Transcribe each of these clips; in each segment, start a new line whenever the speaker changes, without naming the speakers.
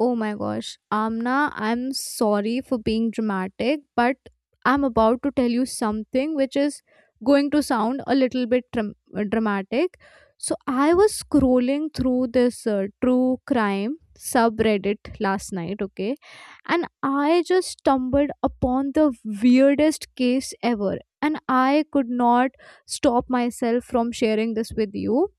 Oh my gosh, Amna, I'm sorry for being dramatic, but I'm about to tell you something which is going to sound a little bit dramatic. So, I was scrolling through this true crime subreddit last night, okay, and I just stumbled upon the weirdest case ever, and I could not stop myself from sharing this with you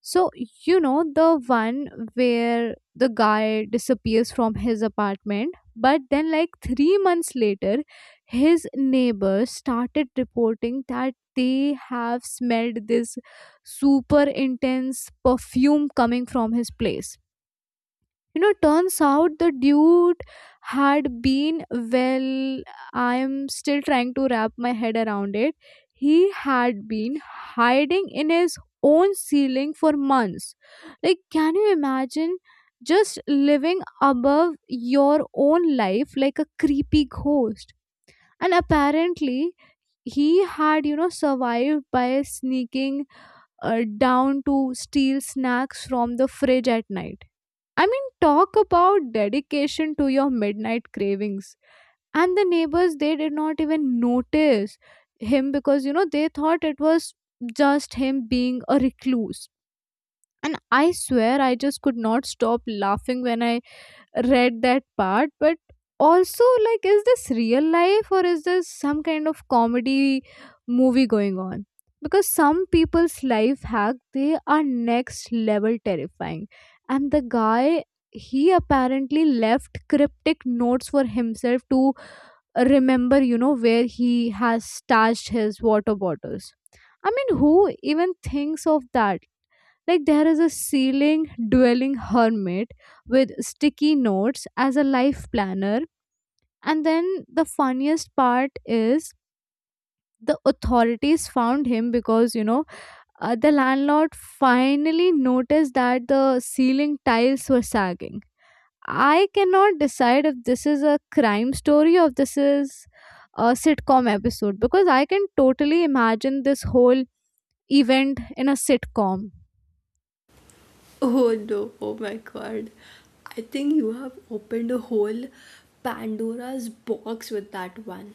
so, the one where the guy disappears from his apartment, but then, like, 3 months later, his neighbors started reporting that they have smelled this super intense perfume coming from his place. Turns out the dude had been, well, I am still trying to wrap my head around it. He had been hiding in his own ceiling for months. Like, can you imagine just living above your own life like a creepy ghost? And apparently he had survived by sneaking down to steal snacks from the fridge at night. I mean, talk about dedication to your midnight cravings. And the neighbors, they did not even notice him because, they thought it was just him being a recluse. And I swear, I just could not stop laughing when I read that part, but also, like, is this real life or is this some kind of comedy movie going on? Because some people's life hack, they are next level terrifying. And the guy, he apparently left cryptic notes for himself to remember where he has stashed his water bottles. I mean, who even thinks of that? Like, there is a ceiling dwelling hermit with sticky notes as a life planner. And then the funniest part is the authorities found him because the landlord finally noticed that the ceiling tiles were sagging. I cannot decide if this is a crime story or if this is a sitcom episode, because I can totally imagine this whole event in a sitcom.
Oh no, oh my god. I think you have opened a whole Pandora's box with that one.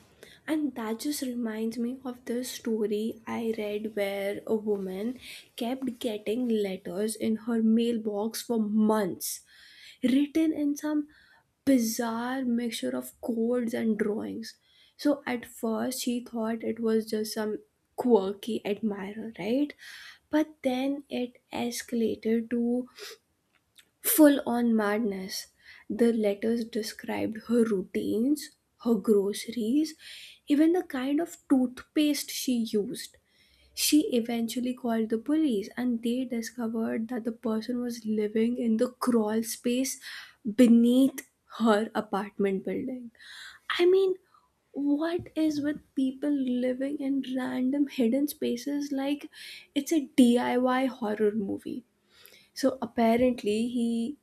And that just reminds me of the story I read where a woman kept getting letters in her mailbox for months, written in some bizarre mixture of codes and drawings. So at first she thought it was just some quirky admirer, right? But then it escalated to full on madness. The letters described her routines, her groceries, even the kind of toothpaste she used. She eventually called the police and they discovered that the person was living in the crawl space beneath her apartment building. I mean, what is with people living in random hidden spaces like it's a DIY horror movie? So apparently, he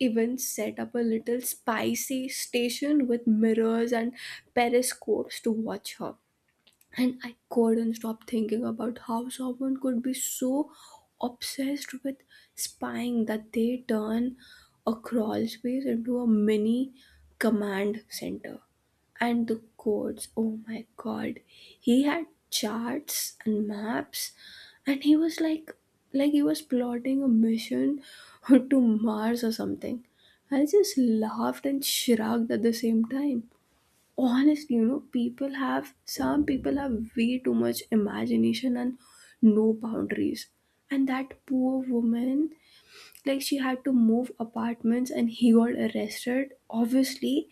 even set up a little spicy station with mirrors and periscopes to watch her, and I couldn't stop thinking about how someone could be so obsessed with spying that they turn a crawl space into a mini command center. And the codes, oh my god, he had charts and maps, and like he was plotting a mission to Mars or something. I just laughed and shrugged at the same time, honestly. You know, people have, some people have way too much imagination and no boundaries, and that poor woman, like she had to move apartments and he got arrested, obviously.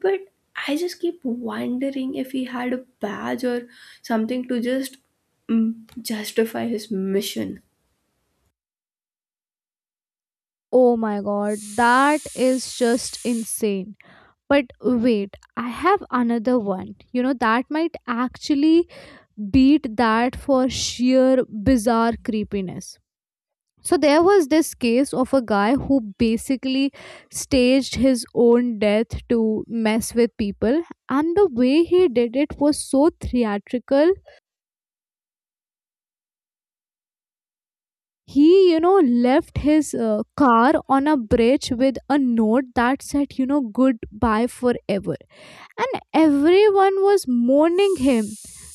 But I just keep wondering if he had a badge or something to just mm, justify his mission.
Oh my god, that is just insane. But wait, I have another one. That might actually beat that for sheer bizarre creepiness. So, there was this case of a guy who basically staged his own death to mess with people, and the way he did it was so theatrical. He, left his car on a bridge with a note that said, goodbye forever, and everyone was mourning him.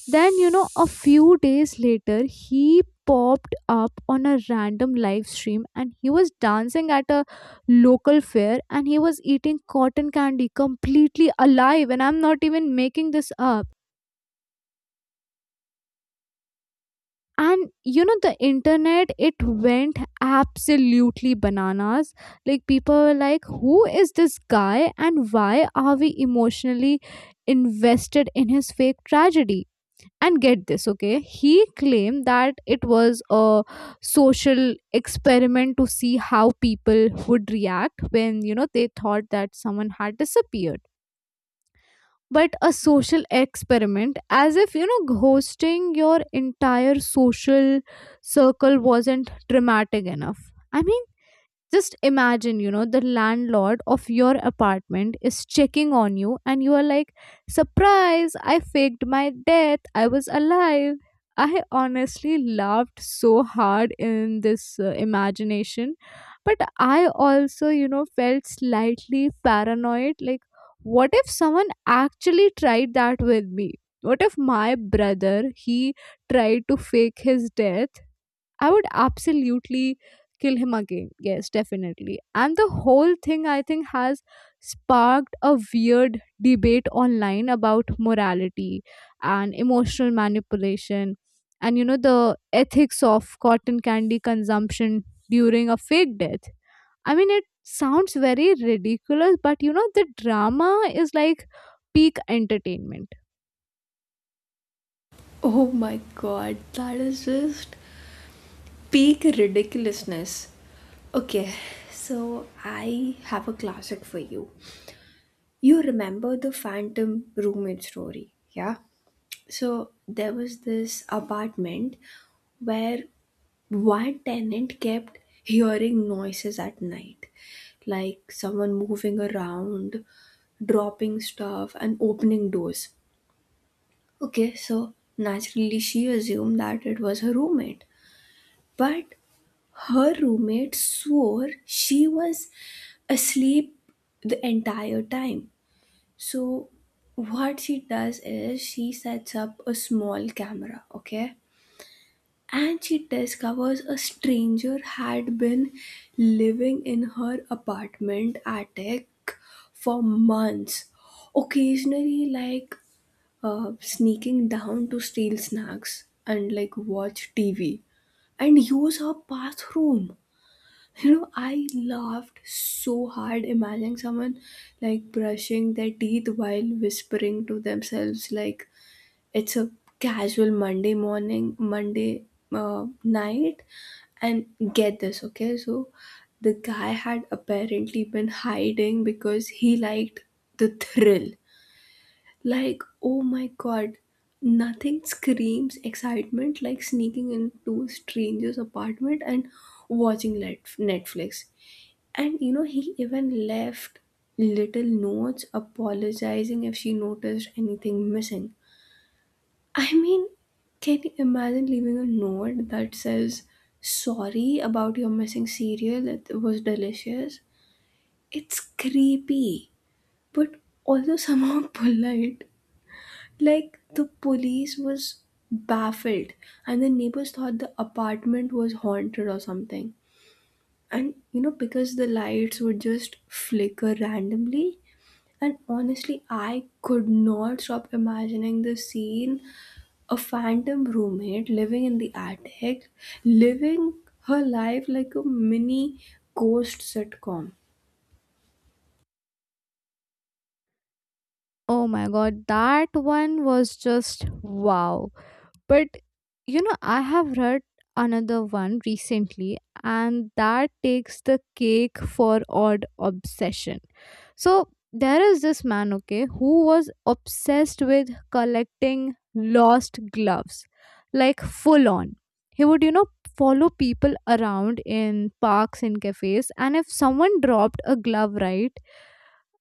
Then, a few days later, he popped up on a random live stream and he was dancing at a local fair and he was eating cotton candy completely alive. And I'm not even making this up. And the internet, it went absolutely bananas. Like, people were like, who is this guy and why are we emotionally invested in his fake tragedy? And get this, okay? He claimed that it was a social experiment to see how people would react when, they thought that someone had disappeared. But a social experiment, as if, hosting your entire social circle wasn't dramatic enough. I mean, just imagine, the landlord of your apartment is checking on you and you are like, surprise, I faked my death, I was alive. I honestly laughed so hard in this imagination, but I also felt slightly paranoid, like, what if someone actually tried that with me? What if my brother, he tried to fake his death? I would absolutely kill him again. Yes, definitely. And the whole thing, I think, has sparked a weird debate online about morality and emotional manipulation and, the ethics of cotton candy consumption during a fake death. I mean, it sounds very ridiculous, but, the drama is like peak entertainment.
Oh my god, that is just peak ridiculousness. Okay, so I have a classic for you. You remember the phantom roommate story, yeah? So there was this apartment where one tenant kept hearing noises at night, like someone moving around, dropping stuff, and opening doors. Okay, so naturally she assumed that it was her roommate. But her roommate swore she was asleep the entire time. So, what she does is she sets up a small camera, okay? And she discovers a stranger had been living in her apartment attic for months, occasionally, like sneaking down to steal snacks and like watch TV and use her bathroom. You know, I laughed so hard imagining someone like brushing their teeth while whispering to themselves, like it's a casual Monday morning, Monday night. And get this, okay? So the guy had apparently been hiding because he liked the thrill. Like, oh my god, nothing screams excitement like sneaking into a stranger's apartment and watching Netflix. And you know, he even left little notes apologizing if she noticed anything missing. I mean, can you imagine leaving a note that says, "Sorry about your missing cereal, it was delicious?" It's creepy, but also somehow polite. Like, the police was baffled, and the neighbors thought the apartment was haunted or something. And you know, because the lights would just flicker randomly. And honestly, I could not stop imagining the scene, a phantom roommate living in the attic, living her life like a mini ghost sitcom.
Oh my god, that one was just wow. But I have read another one recently, and that takes the cake for odd obsession. So there is this man, okay, who was obsessed with collecting lost gloves, like, full on. He would, follow people around in parks and cafes, and if someone dropped a glove, right,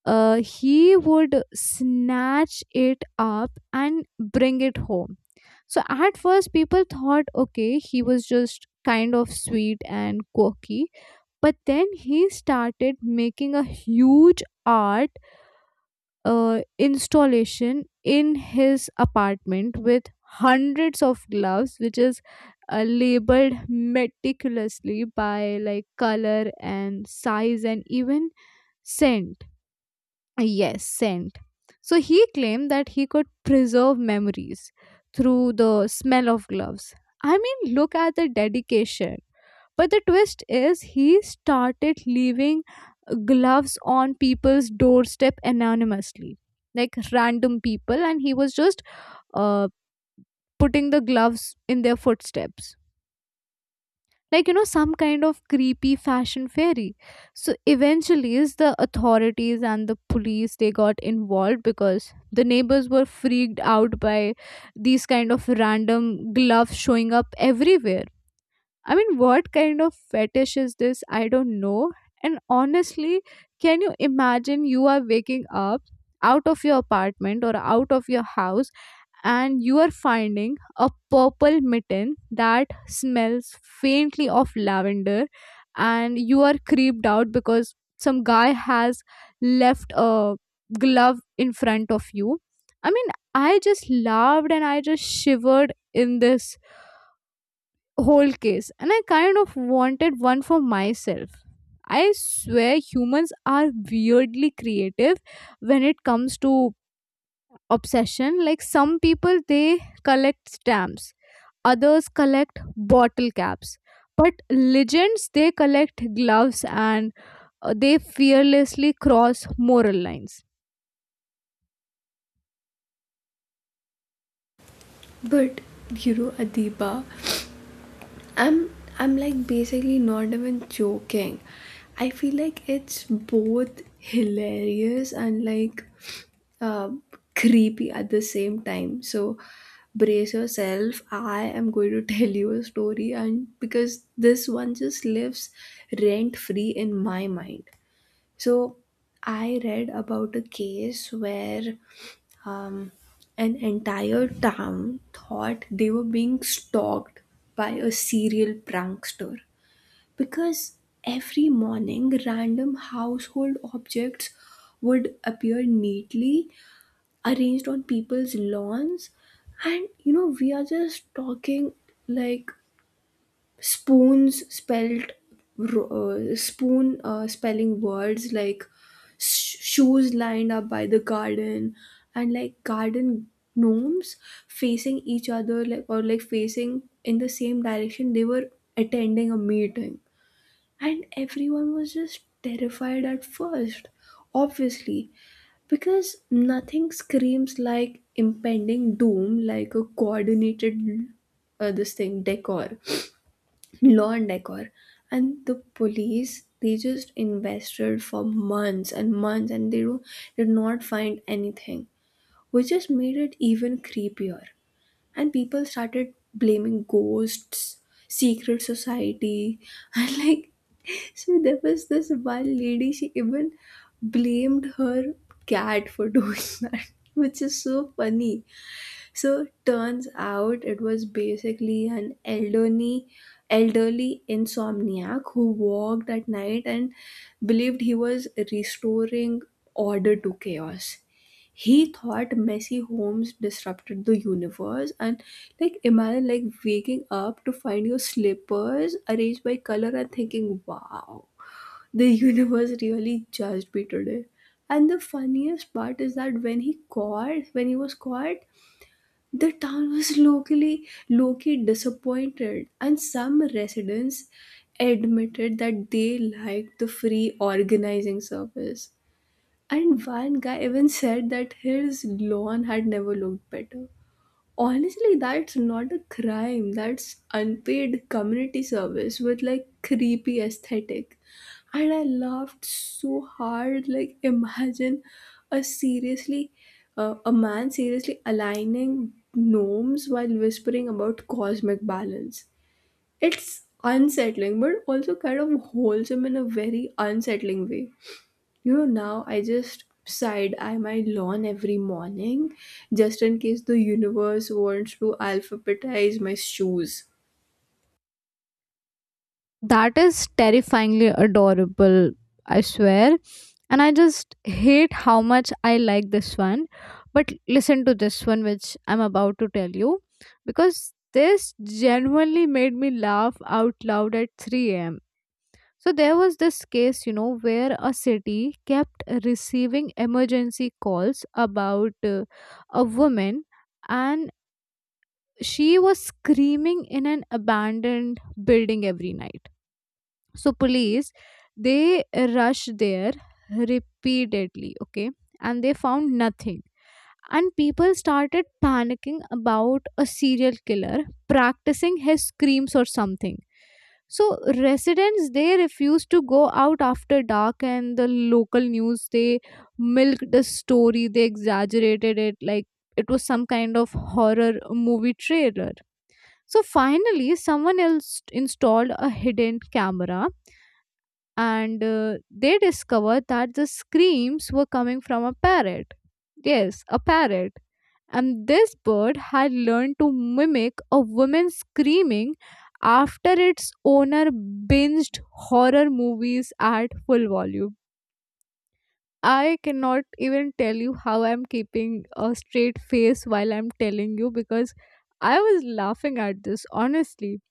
he would snatch it up and bring it home. So at first, people thought, okay, he was just kind of sweet and quirky, but then he started making a huge art installation in his apartment with hundreds of gloves, which is labeled meticulously by, like, color and size and even scent. Yes, scent. So he claimed that he could preserve memories through the smell of gloves. I mean, look at the dedication. But the twist is, he started leaving gloves on people's doorstep anonymously, like, random people, and he was just uh, putting the gloves in their footsteps, like, some kind of creepy fashion fairy. So eventually is the authorities and the police, they got involved because the neighbors were freaked out by these kind of random gloves showing up everywhere. I mean, what kind of fetish is this? I don't know. And honestly, can you imagine you are waking up out of your apartment or out of your house and you are finding a purple mitten that smells faintly of lavender, and you are creeped out because some guy has left a glove in front of you. I mean, I just laughed and I just shivered in this whole case, and I kind of wanted one for myself. I swear humans are weirdly creative when it comes to obsession. Like, some people, they collect stamps, others collect bottle caps, but legends, they collect gloves and they fearlessly cross moral lines.
But you know, Adiba, I'm like basically not even joking. I feel like it's both hilarious and like uh, creepy at the same time. So brace yourself. I am going to tell you a story, and because this one just lives rent free in my mind. So I read about a case where um, an entire town thought they were being stalked by a serial prankster, because every morning random household objects would appear neatly arranged on people's lawns. And you know, we are just talking like spoons spelled ro- spoon spelling words like shoes lined up by the garden, and like garden gnomes facing each other, like, or like facing in the same direction, they were attending a meeting. And everyone was just terrified at first, obviously, because nothing screams like impending doom like a coordinated this thing decor, law and decor. And the police they just invested for months and months, and did not find anything, which just made it even creepier. And people started blaming ghosts, secret society, and like, so there was this one lady, she even blamed her cat for doing that, which is so funny. So turns out it was basically an elderly insomniac who walked at night and believed he was restoring order to chaos. He thought messy homes disrupted the universe, and like imagine like waking up to find your slippers arranged by color and thinking, "Wow, the universe really judged me today." And the funniest part is that when he was caught, the town was locally disappointed, and some residents admitted that they liked the free organizing service. And one guy even said that his lawn had never looked better. Honestly, that's not a crime. That's unpaid community service with like creepy aesthetic. And I laughed so hard. Like, imagine a seriously, a man seriously aligning gnomes while whispering about cosmic balance. It's unsettling, but also kind of wholesome in a very unsettling way. You know, now I just side eye my lawn every morning, just in case the universe wants to alphabetize my shoes.
That is terrifyingly adorable, I swear. And I just hate how much I like this one. But listen to this one, which I'm about to tell you, because this genuinely made me laugh out loud at 3 a.m. So there was this case, where a city kept receiving emergency calls about a woman and she was screaming in an abandoned building every night. So police, they rushed there repeatedly, okay, and they found nothing. And people started panicking about a serial killer practicing his screams or something. So residents, they refused to go out after dark, and the local news, they milked the story, they exaggerated it like it was some kind of horror movie trailer. So finally someone else installed a hidden camera and they discovered that the screams were coming from a parrot. Yes, a parrot. And this bird had learned to mimic a woman screaming after its owner binged horror movies at full volume. I cannot even tell you how I'm keeping a straight face while I'm telling you, because I was laughing at this, honestly.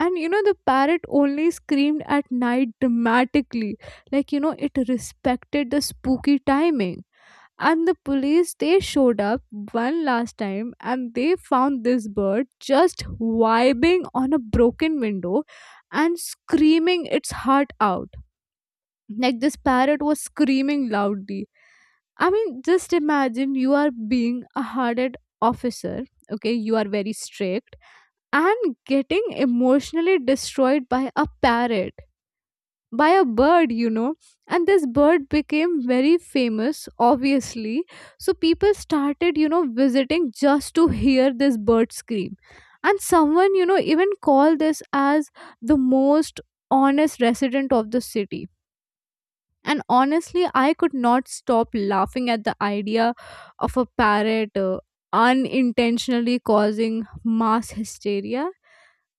And the parrot only screamed at night dramatically. Like, it respected the spooky timing. And the police, they showed up one last time and they found this bird just vibing on a broken window and screaming its heart out. Like, this parrot was screaming loudly. I mean, just imagine you are being a hard-headed officer, okay? You are very strict, and getting emotionally destroyed by a parrot, by a bird. And this bird became very famous, obviously. So people started, visiting just to hear this bird scream. And someone, even called this as the most honest resident of the city. And honestly, I could not stop laughing at the idea of a parrot unintentionally causing mass hysteria.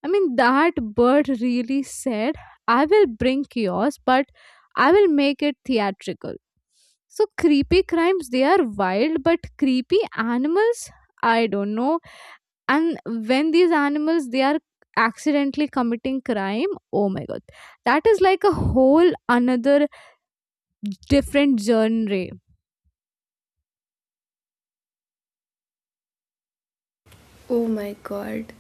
I mean, that bird really said, I will bring chaos, but I will make it theatrical. So, creepy crimes, they are wild, but creepy animals, I don't know. And when these animals, they are accidentally committing crime, oh my god, that is like a whole another different genre.
Oh my god.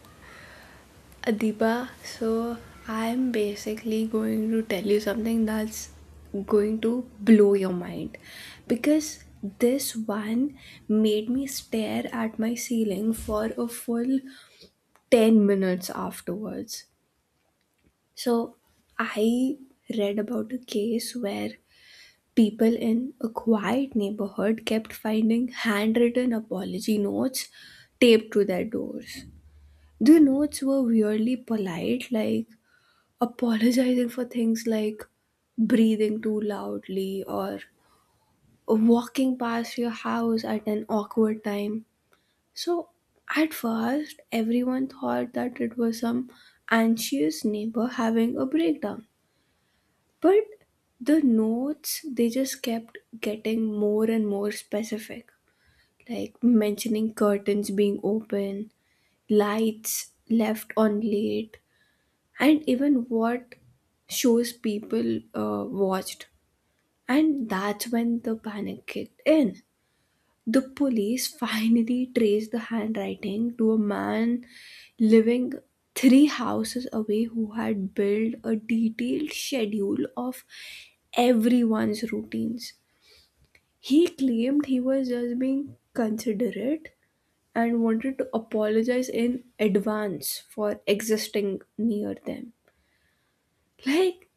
Adiba, so I'm basically going to tell you something that's going to blow your mind. Because this one made me stare at my ceiling for a full 10 minutes afterwards. So I read about a case where people in a quiet neighborhood kept finding handwritten apology notes taped to their doors. The notes were weirdly polite, like apologizing for things like breathing too loudly or walking past your house at an awkward time. So, at first, everyone thought that it was some anxious neighbor having a breakdown. But the notes, they just kept getting more and more specific, like mentioning curtains being open, lights left on late, and even what shows people watched. And that's when the panic kicked in. The police finally traced the handwriting to a man living three houses away who had built a detailed schedule of everyone's routines. He claimed he was just being considerate and wanted to apologize in advance for existing near them. Like,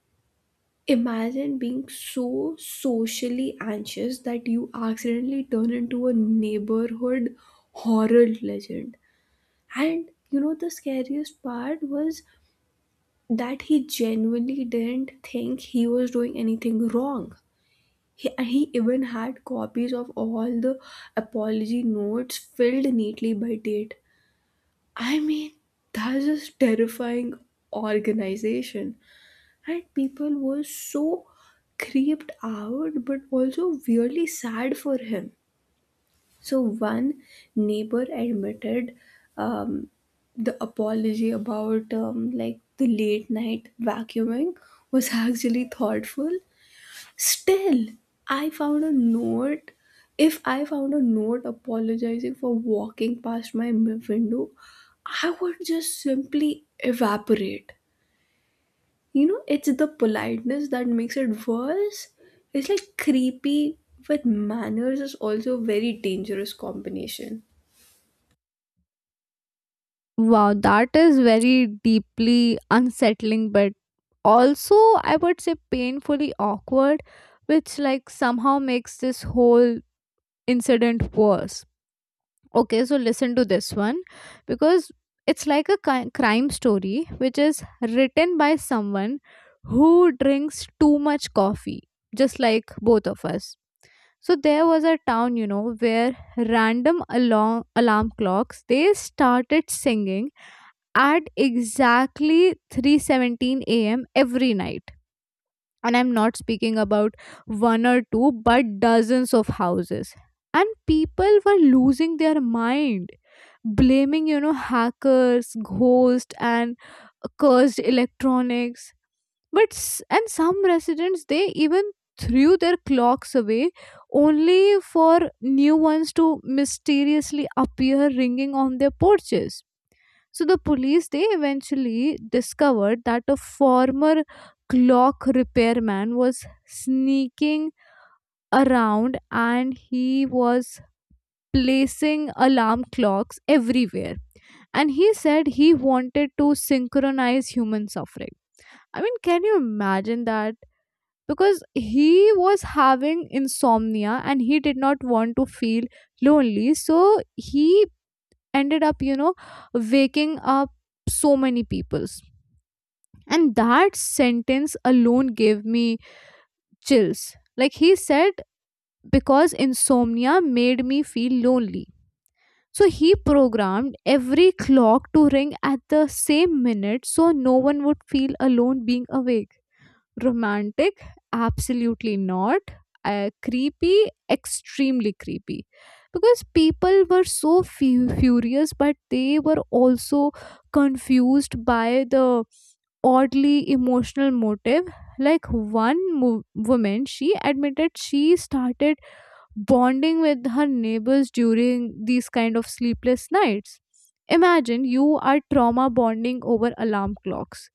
imagine being so socially anxious that you accidentally turn into a neighborhood horror legend. And you know, the scariest part was that he genuinely didn't think he was doing anything wrong. He even had copies of all the apology notes filled neatly by date. I mean, that's just terrifying organization. And people were so creeped out but also weirdly sad for him. So one neighbor admitted um, the apology about like the late night vacuuming was actually thoughtful. Still, I found a note if I found a note apologizing for walking past my window, I would just simply evaporate. You know, it's the politeness that makes it worse. It's like creepy with manners is also a very dangerous combination.
Wow, that is very deeply unsettling, but also I would say painfully awkward, which, like, somehow makes this whole incident worse. Okay, so listen to this one because it's like a crime story which is written by someone who drinks too much coffee, just like both of us. So there was a town, where random alarm clocks they started singing at exactly 3:17 a.m. every night. And I'm not speaking about one or two, but dozens of houses. And people were losing their mind, blaming, hackers, ghosts, and cursed electronics. But and some residents, they even threw their clocks away only for new ones to mysteriously appear ringing on their porches. So the police, they eventually discovered that a former clock repairman was sneaking around and he was placing alarm clocks everywhere. And he said he wanted to synchronize human suffering. I mean, can you imagine that? Because he was having insomnia and he did not want to feel lonely. So he ended up, waking up so many people. And that sentence alone gave me chills. Like, he said, because insomnia made me feel lonely. So he programmed every clock to ring at the same minute so no one would feel alone being awake. Romantic? Absolutely not. Creepy? Extremely creepy. Because people were so furious, but they were also confused by the oddly emotional motive. Like one woman, she admitted she started bonding with her neighbors during these kind of sleepless nights. Imagine you are trauma bonding over alarm clocks.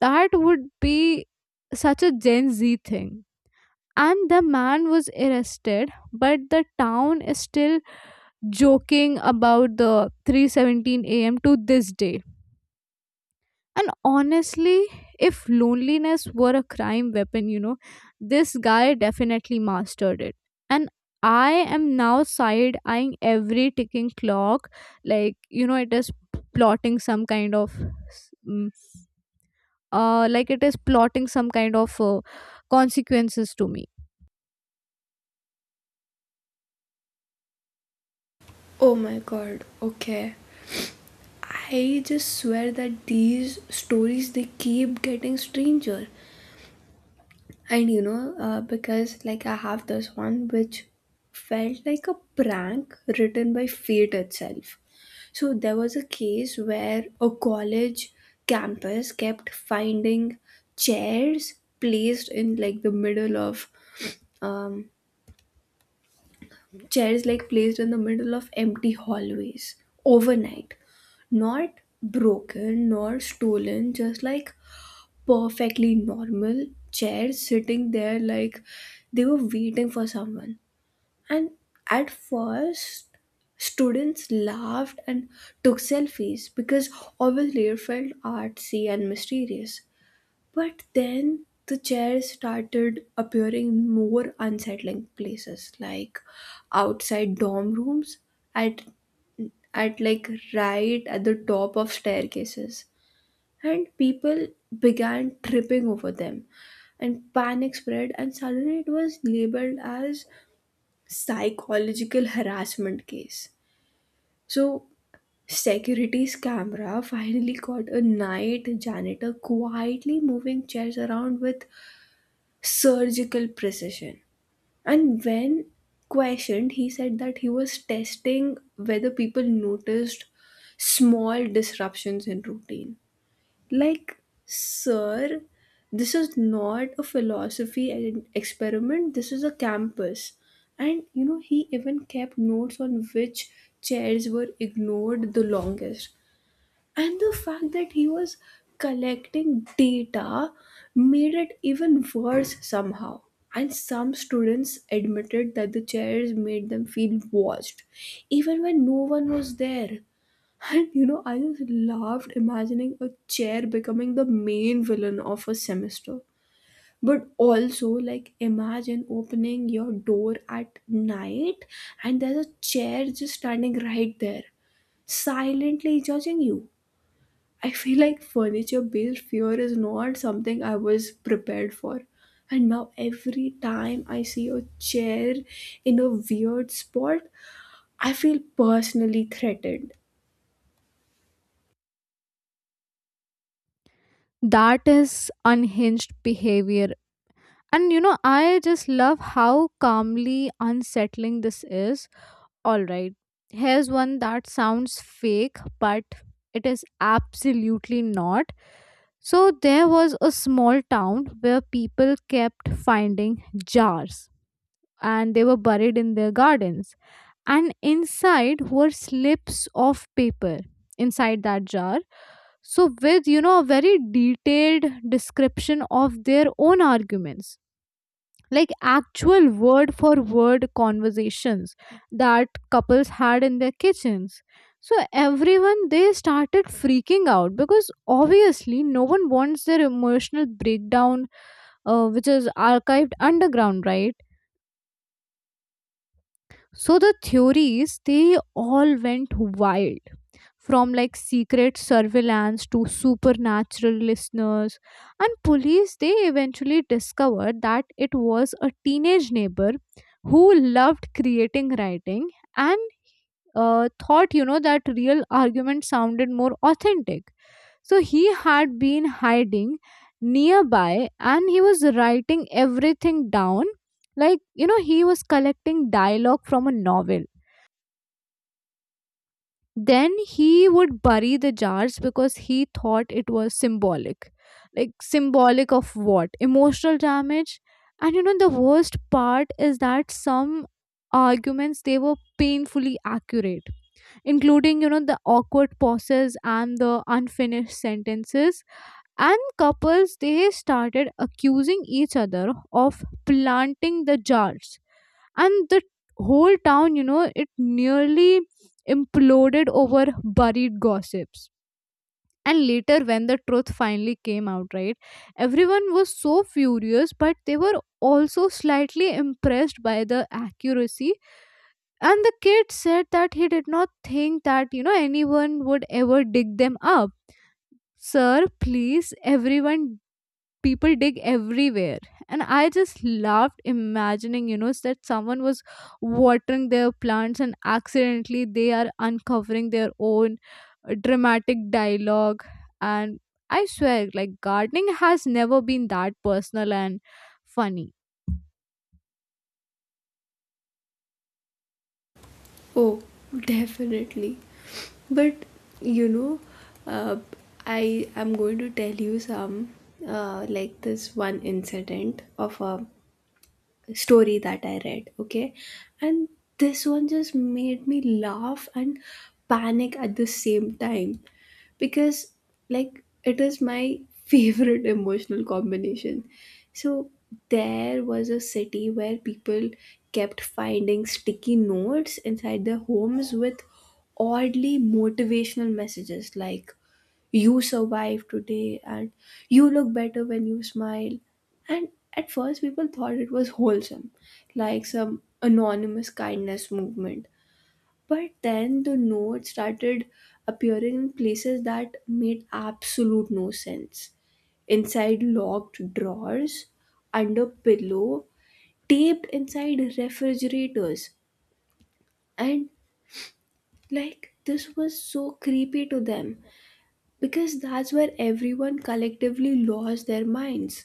That would be such a Gen Z thing. And the man was arrested, but the town is still joking about the 3:17 a.m. to this day. And honestly, if loneliness were a crime weapon, this guy definitely mastered it. And I am now side eyeing every ticking clock, like, it is plotting some kind of, mm, like, it is plotting some kind of consequences to me.
Oh my god, okay. I just swear that these stories, they keep getting stranger. Because like I have this one which felt like a prank written by fate itself. So there was a case where a college campus kept finding chairs placed in like the middle of um, chairs like placed in the middle of empty hallways overnight. Not broken nor stolen, just like perfectly normal chair sitting there like they were waiting for someone. And at first, students laughed and took selfies because obviously it felt artsy and mysterious. But then the chairs started appearing in more unsettling places like outside dorm rooms, at at like right at the top of staircases, and people began tripping over them, and panic spread, and suddenly it was labeled as psychological harassment case. So security's camera finally caught a night janitor quietly moving chairs around with surgical precision, and when questioned he said that he was testing whether people noticed small disruptions in routine. Like, sir, this is not a philosophy and experiment, this is a campus. And you know, he even kept notes on which chairs were ignored the longest. And the fact that he was collecting data made it even worse somehow. And some students admitted that the chairs made them feel watched, even when no one was there. And you know, I just laughed imagining a chair becoming the main villain of a semester. But also, like, imagine opening your door at night and there's a chair just standing right there, silently judging you. I feel like furniture based fear is not something I was prepared for. And now, every time I see a chair in a weird spot, I feel personally threatened.
That is unhinged behavior. And, I just love how calmly unsettling this is. All right. Here's one that sounds fake, but it is absolutely not. So, there was a small town where people kept finding jars and they were buried in their gardens. And inside were slips of paper inside that jar. So, with a very detailed description of their own arguments, like, actual word for word conversations that couples had in their kitchens. So everyone, they started freaking out because obviously no one wants their emotional breakdown which is archived underground, right? So the theories, they all went wild, from, like, secret surveillance to supernatural listeners. And police, they eventually discovered that it was a teenage neighbor who loved creating writing and thought that real argument sounded more authentic. So he had been hiding nearby and he was writing everything down, like, he was collecting dialogue from a novel. Then he would bury the jars because he thought it was symbolic. Like, symbolic of what? Emotional damage? And the worst part is that some arguments, they were painfully accurate, including the awkward pauses and the unfinished sentences. And couples, they started accusing each other of planting the jars. And the whole town, it nearly imploded over buried gossips. And later, when the truth finally came out, right, everyone was so furious but they were also slightly impressed by the accuracy. And the kid said that he did not think that anyone would ever dig them up. Sir, please, everyone, people dig everywhere. And I just loved imagining that someone was watering their plants and accidentally they are uncovering their own dramatic dialogue. And I swear, like, gardening has never been that personal and funny.
Oh, definitely. But you know, uh, I am going to tell you some, like this one incident of a story that I read, okay? And this one just made me laugh and panic at the same time, because like it is my favorite emotional combination. So there was a city where people kept finding sticky notes inside their homes with oddly motivational messages like "you survived today" and "you look better when you smile." And at first people thought it was wholesome, like some anonymous kindness movement. But then the notes started appearing in places that made absolute no sense. Inside locked drawers, under pillow, taped inside refrigerators. And like this was so creepy to them, because that's where everyone collectively lost their minds.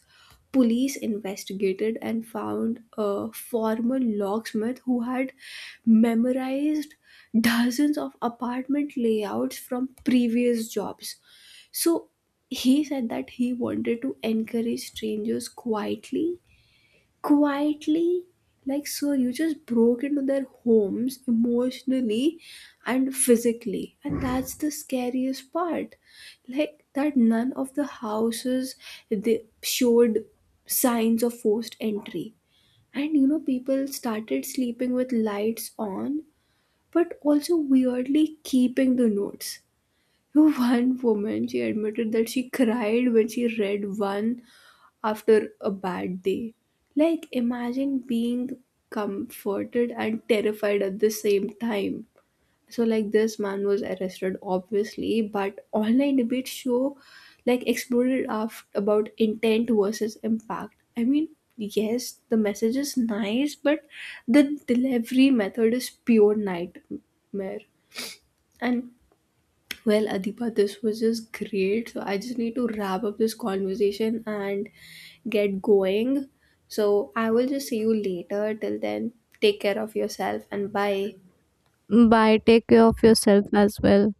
Police investigated and found a former locksmith who had memorized dozens of apartment layouts from previous jobs. So he said that he wanted to encourage strangers quietly. Like, sir, you just broke into their homes emotionally and physically, and that's the scariest part, like that none of the houses, they showed signs of forced entry. And you know, people started sleeping with lights on, but also weirdly keeping the notes. One woman, she admitted that she cried when she read one after a bad day. Like, imagine being comforted and terrified at the same time. So, like, this man was arrested, obviously, but online debates like exploded about intent versus impact. I mean, yes, the message is nice, but the delivery method is pure nightmare. And well, Adipa, this was just great. So I just need to wrap up this conversation and get going. So I will just see you later. Till then, take care of yourself and bye.
Bye, take care of yourself as well.